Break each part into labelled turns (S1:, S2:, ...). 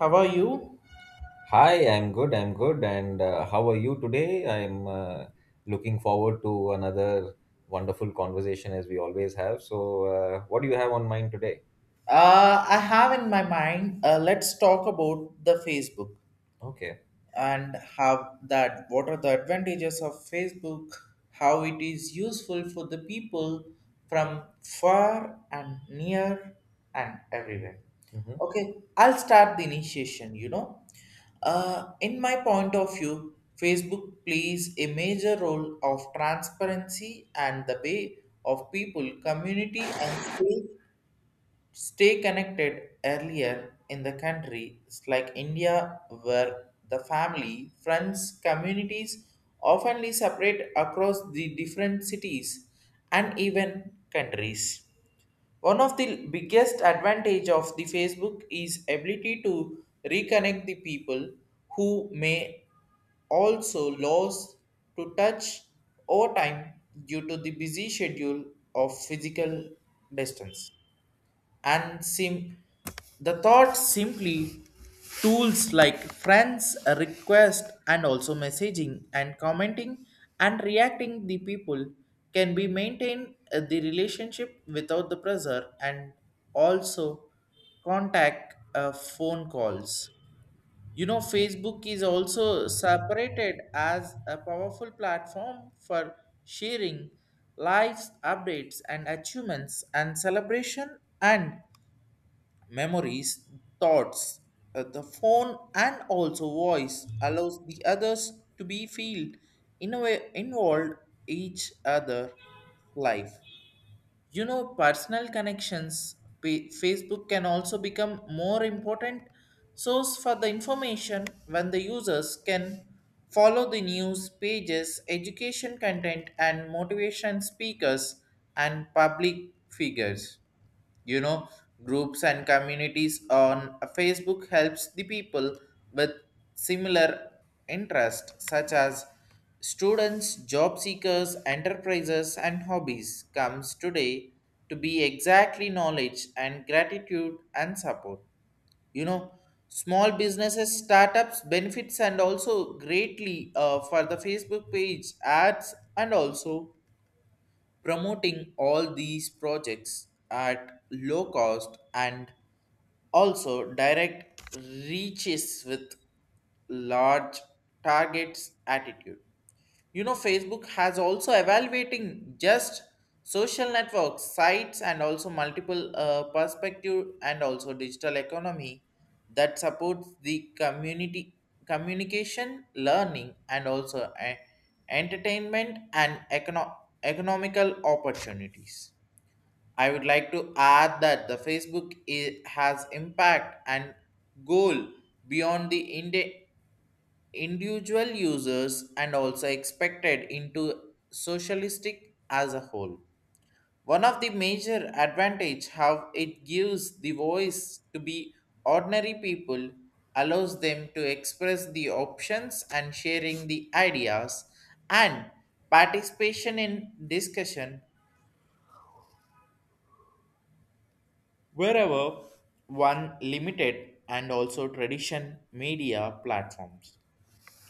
S1: How are you?
S2: Hi, I'm good. I'm good. And how are you today? I'm looking forward to another wonderful conversation as we always have. So, what do you have on mind today?
S1: I have in my mind, let's talk about the Facebook
S2: Okay.
S1: and have that what are the advantages of Facebook, how it is useful for the people from far and near and everywhere.
S2: Mhm.
S1: Okay, I'll start the initiation, you know. In my point of view, Facebook plays a major role of transparency and the way of people, community, and faith stay connected earlier in the countries like India, where the family, friends, communities oftenly separate across the different cities and even countries. One of the biggest advantage of the Facebook is ability to reconnect the people who may also lost to touch over time due to the busy schedule of physical distance and sim the thought simply tools like friends a request and also messaging and commenting and reacting the people can be maintain the relationship without the pressure and also contact phone calls. You know, facebook is also separated as a powerful platform for sharing lives updates and achievements and celebration and memories, thoughts, the phone, and also voice allows the others to be feel in a way involved each other life. You know, personal connections. Facebook can also become more important source for the information when the users can follow the news pages, education content, and motivation speakers and public figures. You know, groups and communities on facebook helps the people with similar interests such as students, job seekers, enterprises, and hobbies comes today to be exactly knowledge and gratitude and support. You know, small businesses startups benefits and also greatly for the facebook page ads and also promoting all these projects at low cost and also direct reaches with large targets attitude. You know, Facebook has also evaluating just social networks, sites, and also multiple perspective and also digital economy that supports the community communication, learning, and also entertainment and economical opportunities. I would like to add that the Facebook has impact and goal beyond the India individual users and also expected into socialistic as a whole. One of the major advantage how it gives the voice to be ordinary people allows them to express the options and sharing the ideas and participation in discussion wherever one limited and also tradition media platforms.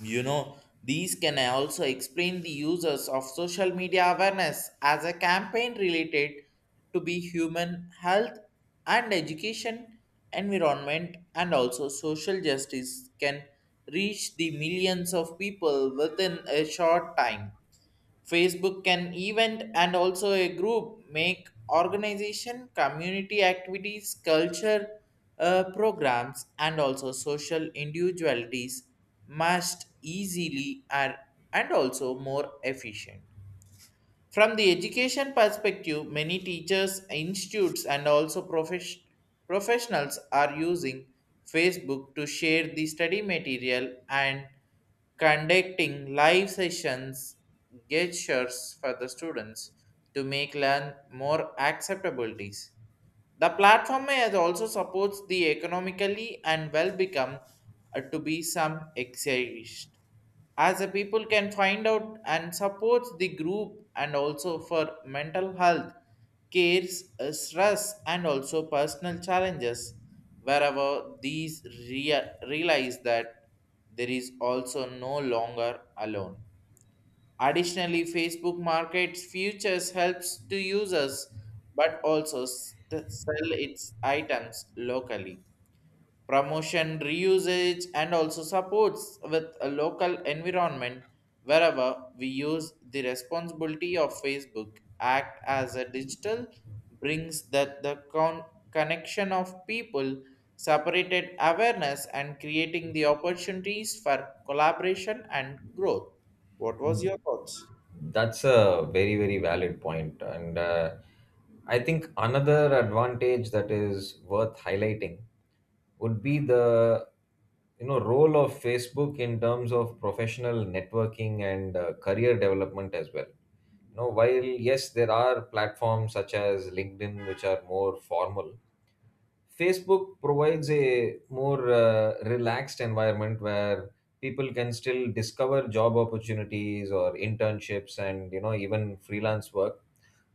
S1: You know, these can also explain the users of social media awareness as a campaign related to be human health and education, environment, and also social justice can reach the millions of people within a short time. Facebook can event and also a group make organization, community activities, culture programs, and also social individualities must easily and also more efficient. From the education perspective, many teachers, institutes, and also professionals are using Facebook to share the study material and conducting live sessions, gestures for the students to make learn more acceptabilities. The platform has also supports the economically and well become to be some exist. As the people can find out and supports the group and also for mental health, cares, stress and also personal challenges wherever these realize that there is also no longer alone. Additionally, Facebook markets futures helps to users but also to sell its items locally. Promotion, reusage, and also supports with a local environment wherever we use the responsibility of Facebook act as a digital brings that the connection of people separated awareness and creating the opportunities for collaboration and growth. What was your thoughts?
S2: That's a very, very valid point. And I think another advantage that is worth highlighting would be the role of Facebook in terms of professional networking and career development as well. You know, while yes, there are platforms such as LinkedIn which are more formal, Facebook provides a more relaxed environment where people can still discover job opportunities or internships and even freelance work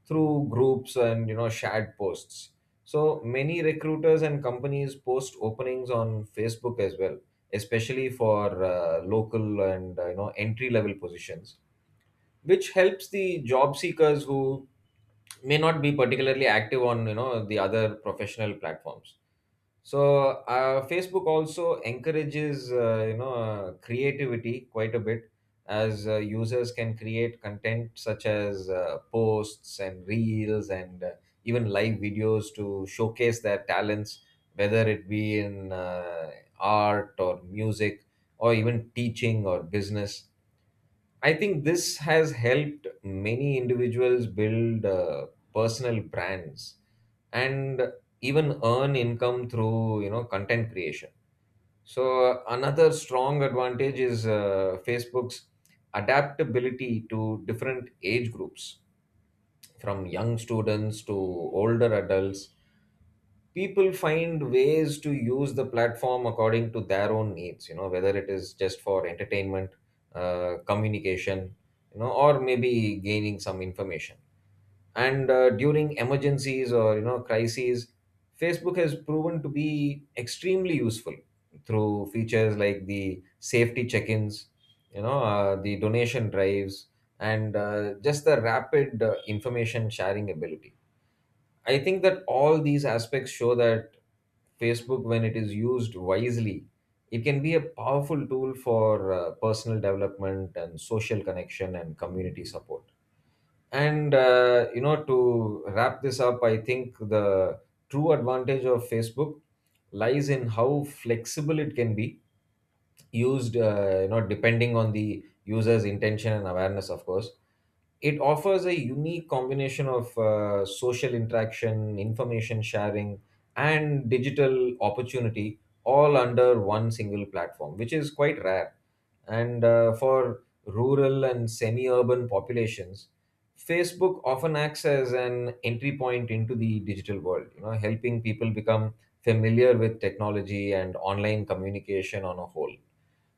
S2: through groups and shared posts. So many recruiters and companies post openings on Facebook as well, especially for local and entry level positions, which helps the job seekers who may not be particularly active on the other professional platforms. So Facebook also encourages creativity quite a bit, as users can create content such as posts and reels and even live videos to showcase their talents, whether it be in art or music or even teaching or business. I think this has helped many individuals build personal brands and even earn income through content creation. So another strong advantage is Facebook's adaptability to different age groups, from young students to older adults. People find ways to use the platform according to their own needs, whether it is just for entertainment, communication, or maybe gaining some information. And during emergencies or crises, Facebook has proven to be extremely useful through features like the safety check-ins, the donation drives, and just the rapid information sharing ability. I think that all these aspects show that Facebook, when it is used wisely, it can be a powerful tool for personal development and social connection and community support. And, to wrap this up, I think the true advantage of Facebook lies in how flexible it can be used, depending on the user's intention and awareness. Of course, it offers a unique combination of social interaction, information sharing, and digital opportunity, all under one single platform, which is quite rare. And for rural and semi-urban populations, Facebook often acts as an entry point into the digital world, helping people become familiar with technology and online communication on a whole.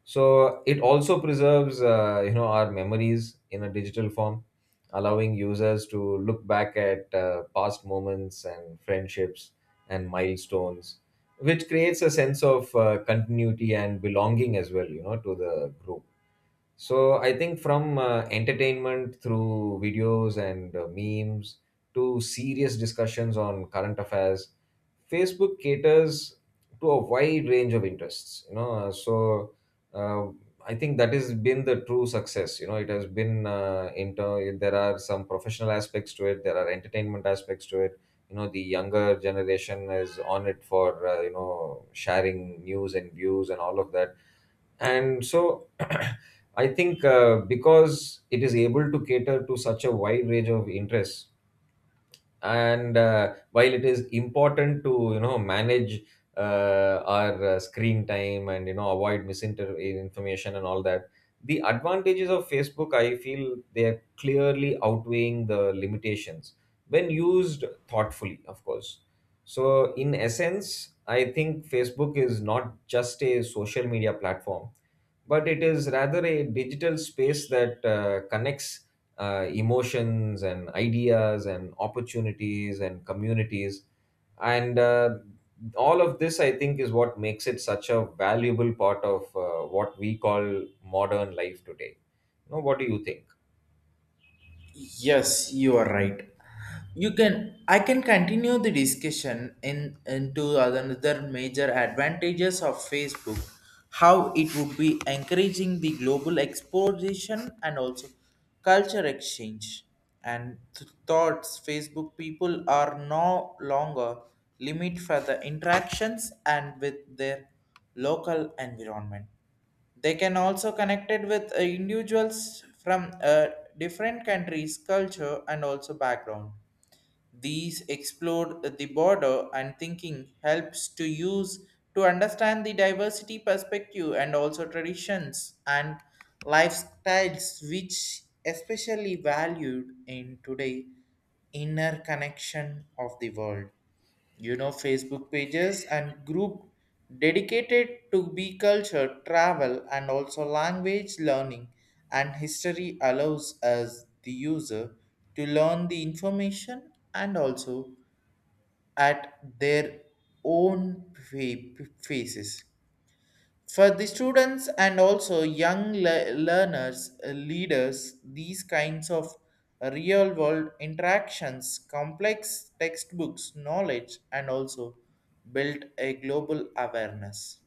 S2: So it also preserves, our memories in a digital form, allowing users to look back at past moments and friendships and milestones, which creates a sense of continuity and belonging as well, you know, to the group. So I think from entertainment through videos and memes to serious discussions on current affairs, Facebook caters to a wide range of interests. You know, so uh, I think that has been the true success. You know, it has been inter. There are some professional aspects to it. There are entertainment aspects to it. You know, the younger generation is on it for sharing news and views and all of that, and so I think because it is able to cater to such a wide range of interests, and while it is important to manage our screen time and avoid misinformation and all that, the advantages of Facebook, I feel, they are clearly outweighing the limitations when used thoughtfully, of course. So in essence, I think Facebook is not just a social media platform, but it is rather a digital space that connects emotions and ideas and opportunities and communities, and all of this, I think, is what makes it such a valuable part of what we call modern life today. You know, what do you think?
S1: Yes, you are right. You can I can continue the discussion in into another major advantages of Facebook, how it would be encouraging the global exploration and also culture exchange and thoughts. Facebook people are no longer limit for the interactions and with their local environment. They can also connected with individuals from different countries, culture, and also background. These explore the border and thinking helps to use to understand the diversity perspective and also traditions and lifestyles, which especially valued in today inner connection of the world. You know, facebook pages and group dedicated to be culture, travel, and also language learning and history allows us the user to learn the information and also at their own paces for the students and also young learners, leaders. These kinds of real world interactions, complex textbooks, knowledge, and also build a global awareness.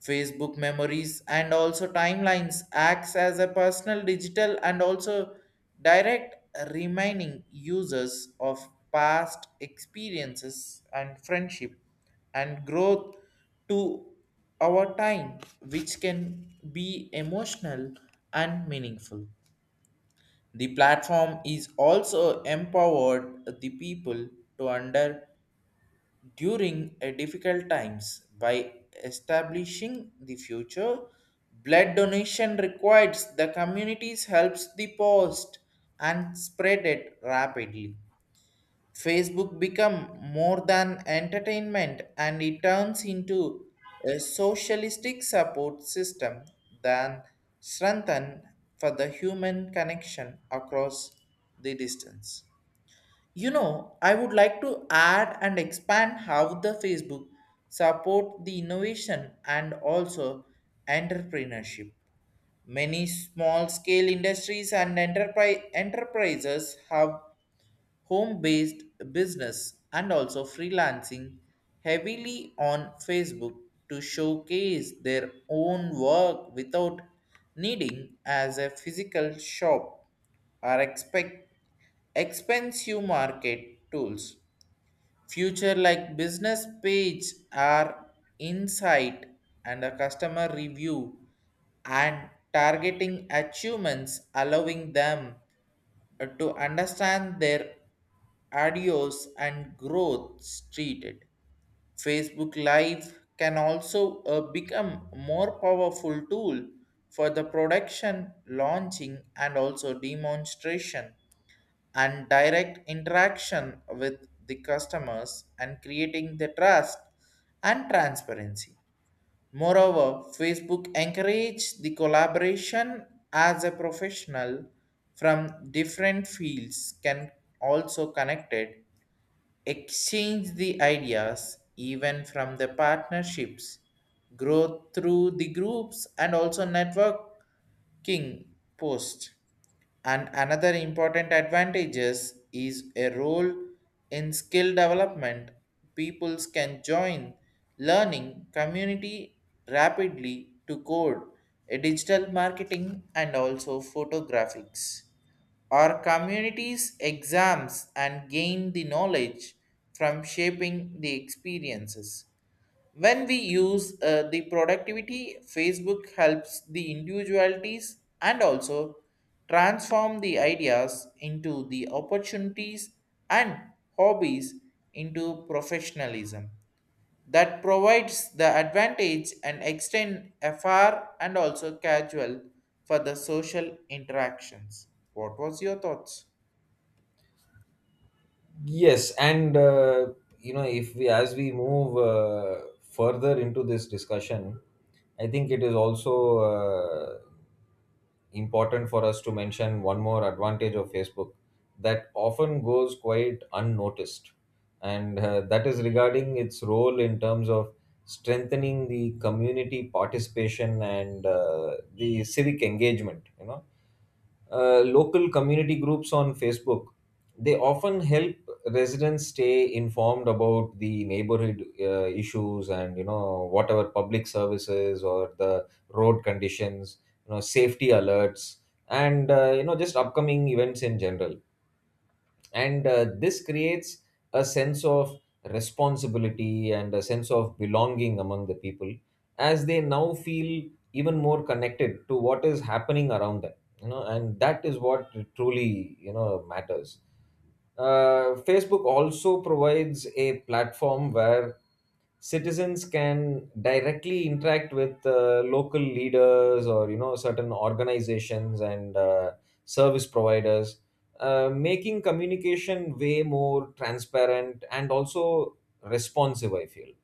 S1: Facebook memories and also timelines acts as a personal digital and also direct reminding users of past experiences and friendship and growth to our time, which can be emotional and meaningful. The platform is also empowered the people to under during a difficult times by establishing the future blood donation requires the communities helps the post and spread it rapidly. Facebook become more than entertainment and it turns into a socialistic support system than strengthen for the human connection across the distance. You know, I would like to add and expand how the Facebook support the innovation and also entrepreneurship. Many small scale industries and enterprises have home based business and also freelancing heavily on Facebook to showcase their own work without needing as a physical shop are expect expensive market tools, future like business page are insight and a customer review and targeting achievements allowing them to understand their adios and growth treated. Facebook Live can also become more powerful tool for the production, launching and also demonstration and direct interaction with the customers and creating the trust and transparency. Moreover, Facebook encourage the collaboration as a professional from different fields can also connected, exchange the ideas even from the partnerships, growth through the groups and also networking post. And another important advantages is a role in skill development. Peoples can join learning community rapidly to code, a digital marketing and also photographics, or communities exams and gain the knowledge from shaping the experiences. When we use the productivity, Facebook helps the individualities and also transform the ideas into the opportunities and hobbies into professionalism that provides the advantage and extend afar and also casual for the social interactions. What was your thoughts?
S2: Yes, and, if we, as we move further into this discussion, I think it is also important for us to mention one more advantage of Facebook that often goes quite unnoticed, and that is regarding its role in terms of strengthening the community participation and the civic engagement. You know, local community groups on Facebook. They often help residents stay informed about the neighborhood issues and, you know, whatever public services or the road conditions, you know, safety alerts, and just upcoming events in general. And this creates a sense of responsibility and a sense of belonging among the people, as they now feel even more connected to what is happening around them. You know, and that is what truly, you know, matters. Facebook also provides a platform where citizens can directly interact with local leaders or, you know, certain organizations and service providers, making communication way more transparent and also responsive, I feel. You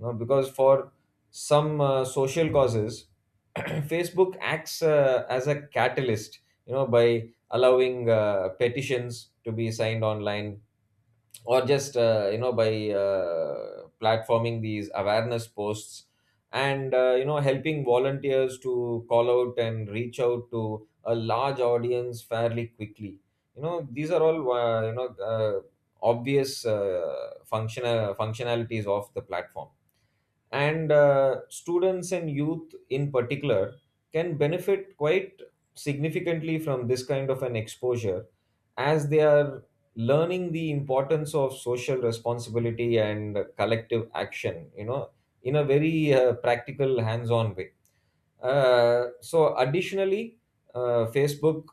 S2: know, because for some social causes, Facebook acts as a catalyst, you know, by allowing petitions to be signed online, or just by platforming these awareness posts, and helping volunteers to call out and reach out to a large audience fairly quickly. You know, these are all obvious functionalities of the platform. And students and youth in particular can benefit quite significantly from this kind of an exposure, as they are learning the importance of social responsibility and collective action, you know, in a very practical, hands on way. So additionally, Facebook,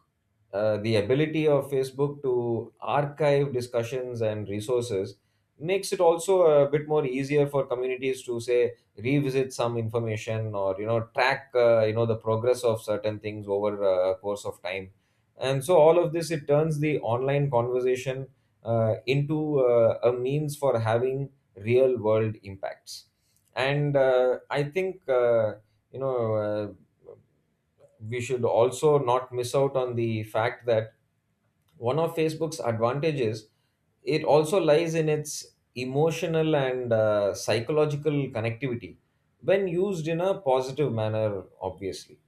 S2: the ability of Facebook to archive discussions and resources makes it also a bit more easier for communities to say revisit some information or, you know, track the progress of certain things over a course of time. And so all of this, it turns the online conversation into a means for having real world impacts. And I think you know uh, we should also not miss out on the fact that one of Facebook's advantages, it also lies in its emotional and psychological connectivity when used in a positive manner, obviously.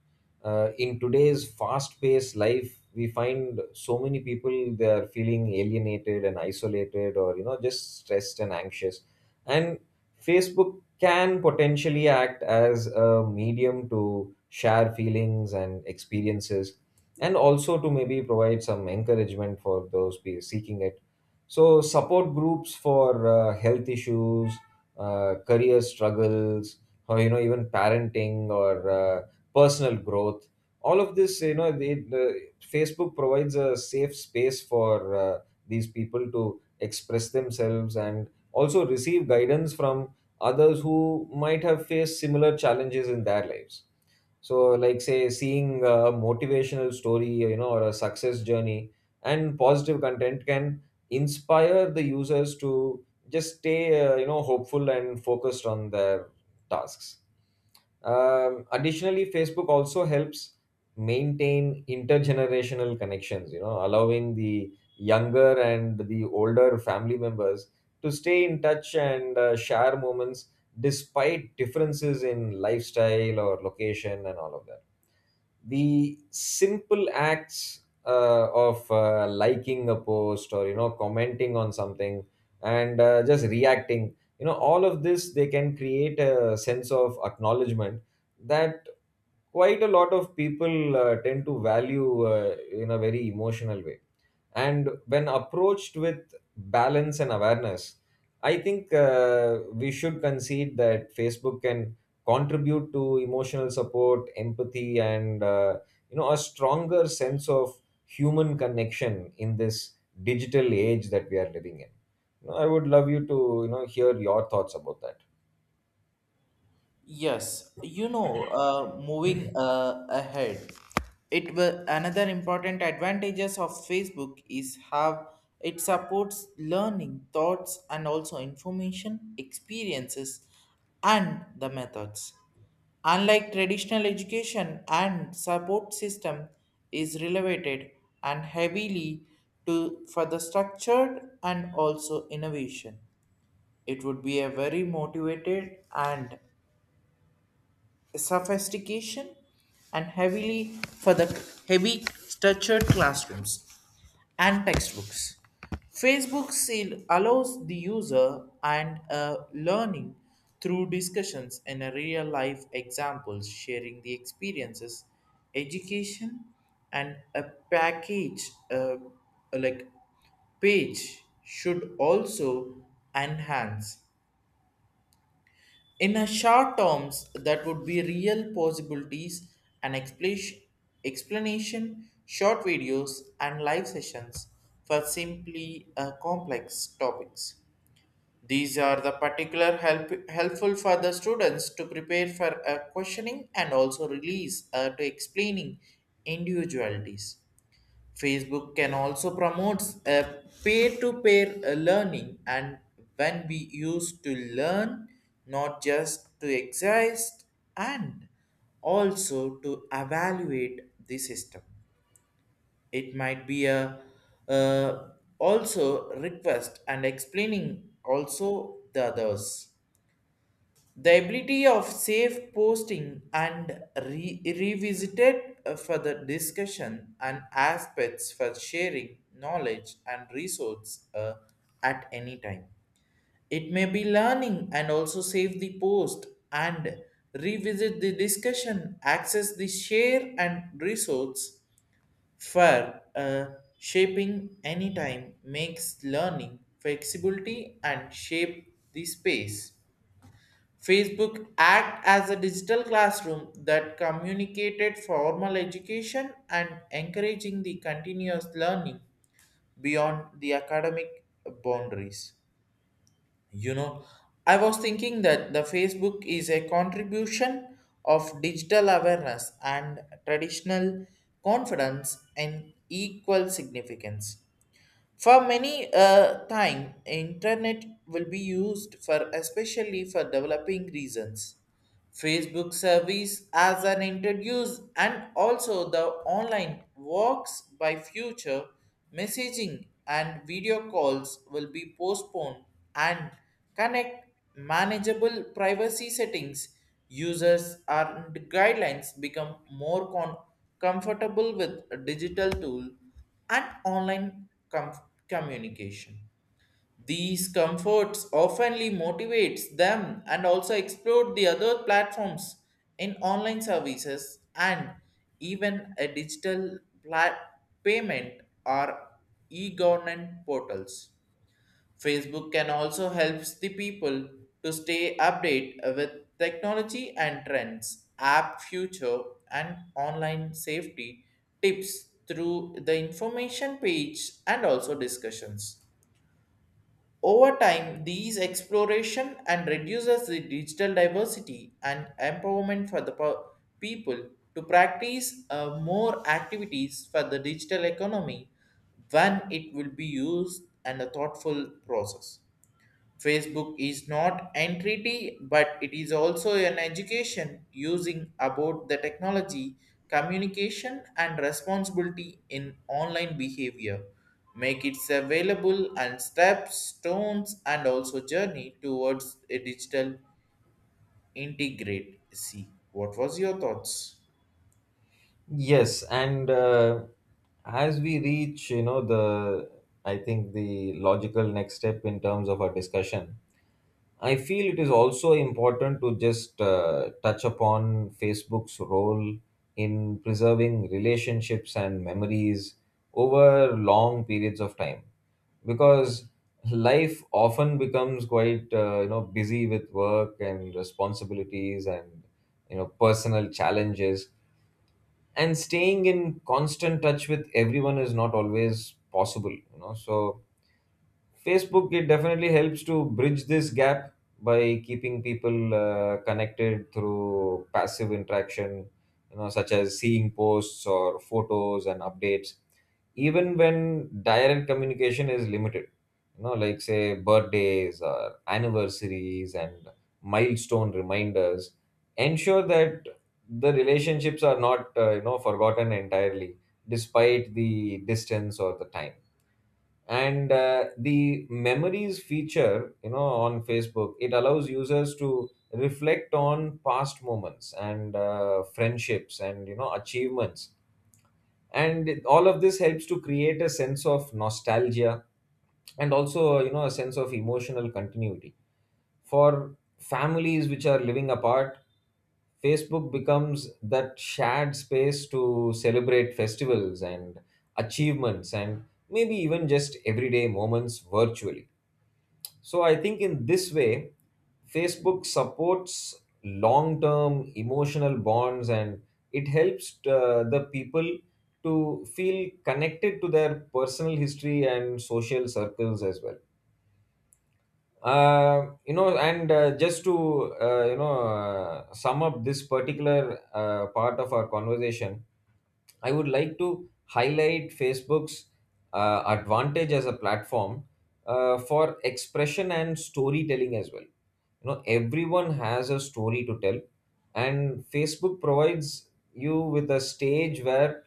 S2: In today's fast-paced life, we find so many people they are feeling alienated and isolated, or, you know, just stressed and anxious, and Facebook can potentially act as a medium to share feelings and experiences, and also to maybe provide some encouragement for those seeking it. So support groups for health issues, career struggles, or, you know, even parenting or personal growth, all of this, you know, the Facebook provides a safe space for these people to express themselves and also receive guidance from others who might have faced similar challenges in their lives. So like say seeing a motivational story, you know, or a success journey and positive content, can inspire the users to just stay, hopeful and focused on their tasks. Additionally, Facebook also helps maintain intergenerational connections, you know, allowing the younger and the older family members to stay in touch and share moments despite differences in lifestyle or location and all of that. The simple acts of liking a post or, you know, commenting on something, and just reacting, you know, all of this, they can create a sense of acknowledgement that quite a lot of people tend to value in a very emotional way. And when approached with balance and awareness, I think we should concede that Facebook can contribute to emotional support, empathy, and a stronger sense of human connection in this digital age that we are living in. You know, I would love you to, you know, hear your thoughts about that.
S1: Yes, you know, moving ahead, it will another important advantages of Facebook is how it supports learning, thoughts, and also information, experiences, and the methods. Unlike traditional education and support system is related and heavily to for the structured and also innovation. It would be a very motivated and sophistication and heavily for the heavy structured classrooms and textbooks. Facebook still allows the user and learning through discussions and a real life examples, sharing the experiences, education, and a package like page should also enhance in a short terms, that would be real possibilities and explanation, short videos, and live sessions for simply complex topics. These are the particular helpful for the students to prepare for a questioning and also release to explaining individualities. Facebook can also promotes a peer-to-peer learning and when we use to learn not just to exist and also to evaluate the system. It might be a uh, also request and explaining also the others the ability of safe posting and revisited for the discussion and aspects for sharing knowledge and resource at any time. It may be learning and also save the post and revisit the discussion, access the share and resource for shaping anytime makes learning flexibility and shape the space. Facebook act as a digital classroom that communicated formal education and encouraging the continuous learning beyond the academic boundaries. You know, I was thinking that the Facebook is a contribution of digital awareness and traditional confidence in equal significance. For many time, internet will be used for especially for developing reasons. Facebook service as an introduce and also the online works by future messaging and video calls will be postponed and connect manageable privacy settings users and guidelines become more comfortable with a digital tool and online communication. These comforts oftenly motivates them and also explore the other platforms in online services and even a digital plat- payment or e-government portals. Facebook can also helps the people to stay update with technology and trends, app future and online safety tips through the information page and also discussions. Over time, these exploration and reduces the digital diversity and empowerment for the people to practice more activities for the digital economy when it will be used and a thoughtful process. Facebook is not entreaty, but it is also an education using about the technology, communication, and responsibility in online behavior. Make it available and steps, stones, and also journey towards a digital integrate. See, what was your thoughts?
S2: Yes, and as we reach, you know, the, I think the logical next step in terms of our discussion, I feel it is also important to just touch upon Facebook's role in preserving relationships and memories over long periods of time, because life often becomes quite busy with work and responsibilities and, you know, personal challenges, and staying in constant touch with everyone is not always possible, you know. So Facebook, it definitely helps to bridge this gap by keeping people connected through passive interaction, you know, such as seeing posts or photos and updates, even when direct communication is limited. You know, like say birthdays or anniversaries and milestone reminders, ensure that the relationships are not, forgotten entirely despite the distance or the time. And the memories feature, you know, on Facebook, it allows users to reflect on past moments and friendships and, you know, achievements, and all of this helps to create a sense of nostalgia and also, you know, a sense of emotional continuity. For families which are living apart, Facebook becomes that shared space to celebrate festivals and achievements and maybe even just everyday moments virtually. So I think in this way, Facebook supports long term emotional bonds, and it helps the people to feel connected to their personal history and social circles as well. And just to, sum up this particular part of our conversation, I would like to highlight Facebook's advantage as a platform for expression and storytelling as well. You know, everyone has a story to tell, and Facebook provides you with a stage where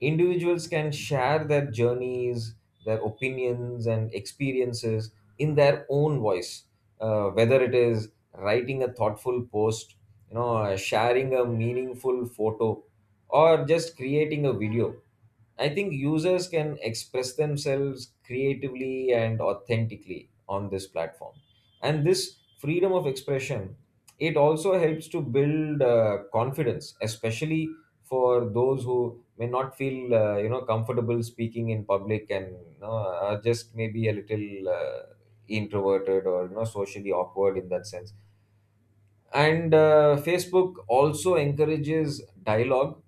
S2: individuals can share their journeys, their opinions and experiences in their own voice, whether it is writing a thoughtful post, sharing a meaningful photo, or just creating a video. I think users can express themselves creatively and authentically on this platform, and this freedom of expression, it also helps to build confidence, especially for those who may not feel comfortable speaking in public, and, you know, are just maybe a little introverted or, you know, socially awkward in that sense. And Facebook also encourages dialogue,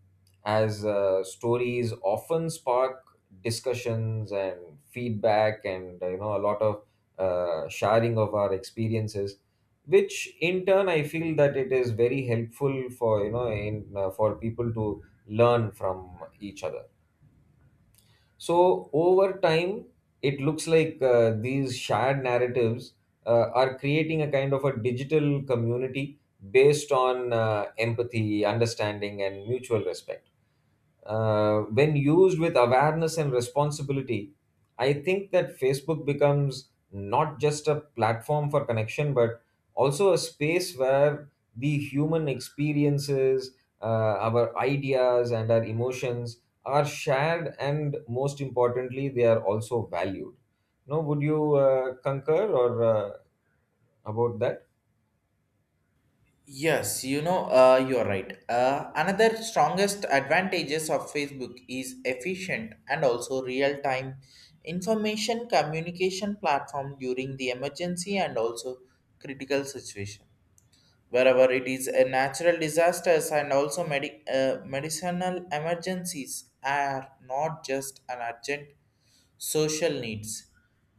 S2: as stories often spark discussions and feedback and, a lot of sharing of our experiences, which in turn I feel that it is very helpful for, you know, in for people to learn from each other. So over time, it looks like these shared narratives are creating a kind of a digital community based on empathy, understanding, and mutual respect. When used with awareness and responsibility, I think that Facebook becomes not just a platform for connection, but also a space where the human experiences, our ideas, and our emotions are shared, and most importantly, they are also valued. No, would you concur or about that?
S1: Yes, you know, you're right. Another strongest advantages of Facebook is efficient and also real-time information communication platform during the emergency and also critical situation wherever it is a natural disasters and also medicinal emergencies are not just an urgent social needs.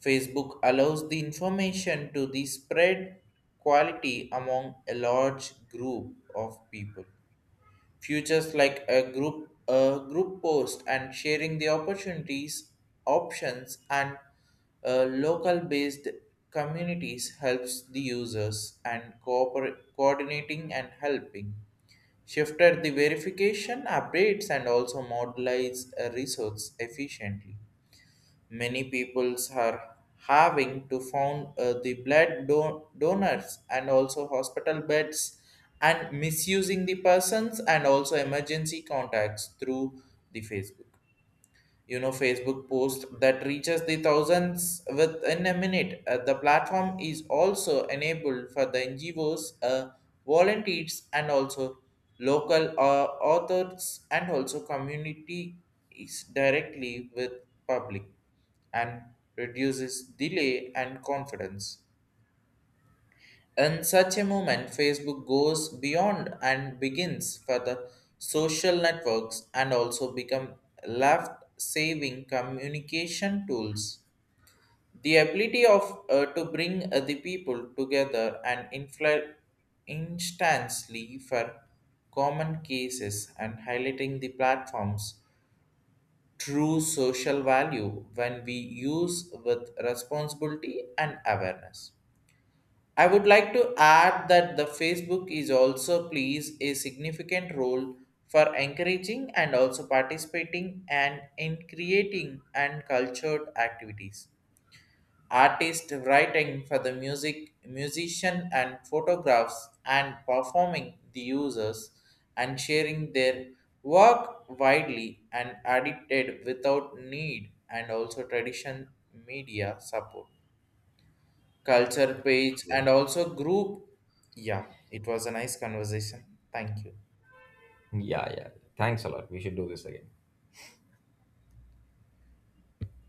S1: Facebook allows the information to be spread quality among a large group of people. Futures like a group post and sharing the opportunities, options and local based communities helps the users and coordinating and helping shifted the verification updates and also modelize resource efficiently. Many peoples are having to found the donors and also hospital beds and misusing the persons and also emergency contacts through the Facebook. You know, facebook post that reaches the thousands within a minute. The platform is also enabled for the NGOs, uh, volunteers and also local authors and also community is directly with public and reduces delay and confidence. In such a moment, Facebook goes beyond and begins for the social networks and also become life saving communication tools. The ability of to bring the people together and instantly for common cases and highlighting the platforms true social value when we use with responsibility and awareness. I would like to add that the Facebook is also plays a significant role for encouraging and also participating and in creating and cultured activities. Artists writing for the music, musician and photographs and performing the users and sharing their work widely and edited without need and also tradition media support culture page and also group. Yeah, it was a nice conversation. Thank you.
S2: Yeah, yeah. Thanks a lot. We should do this again.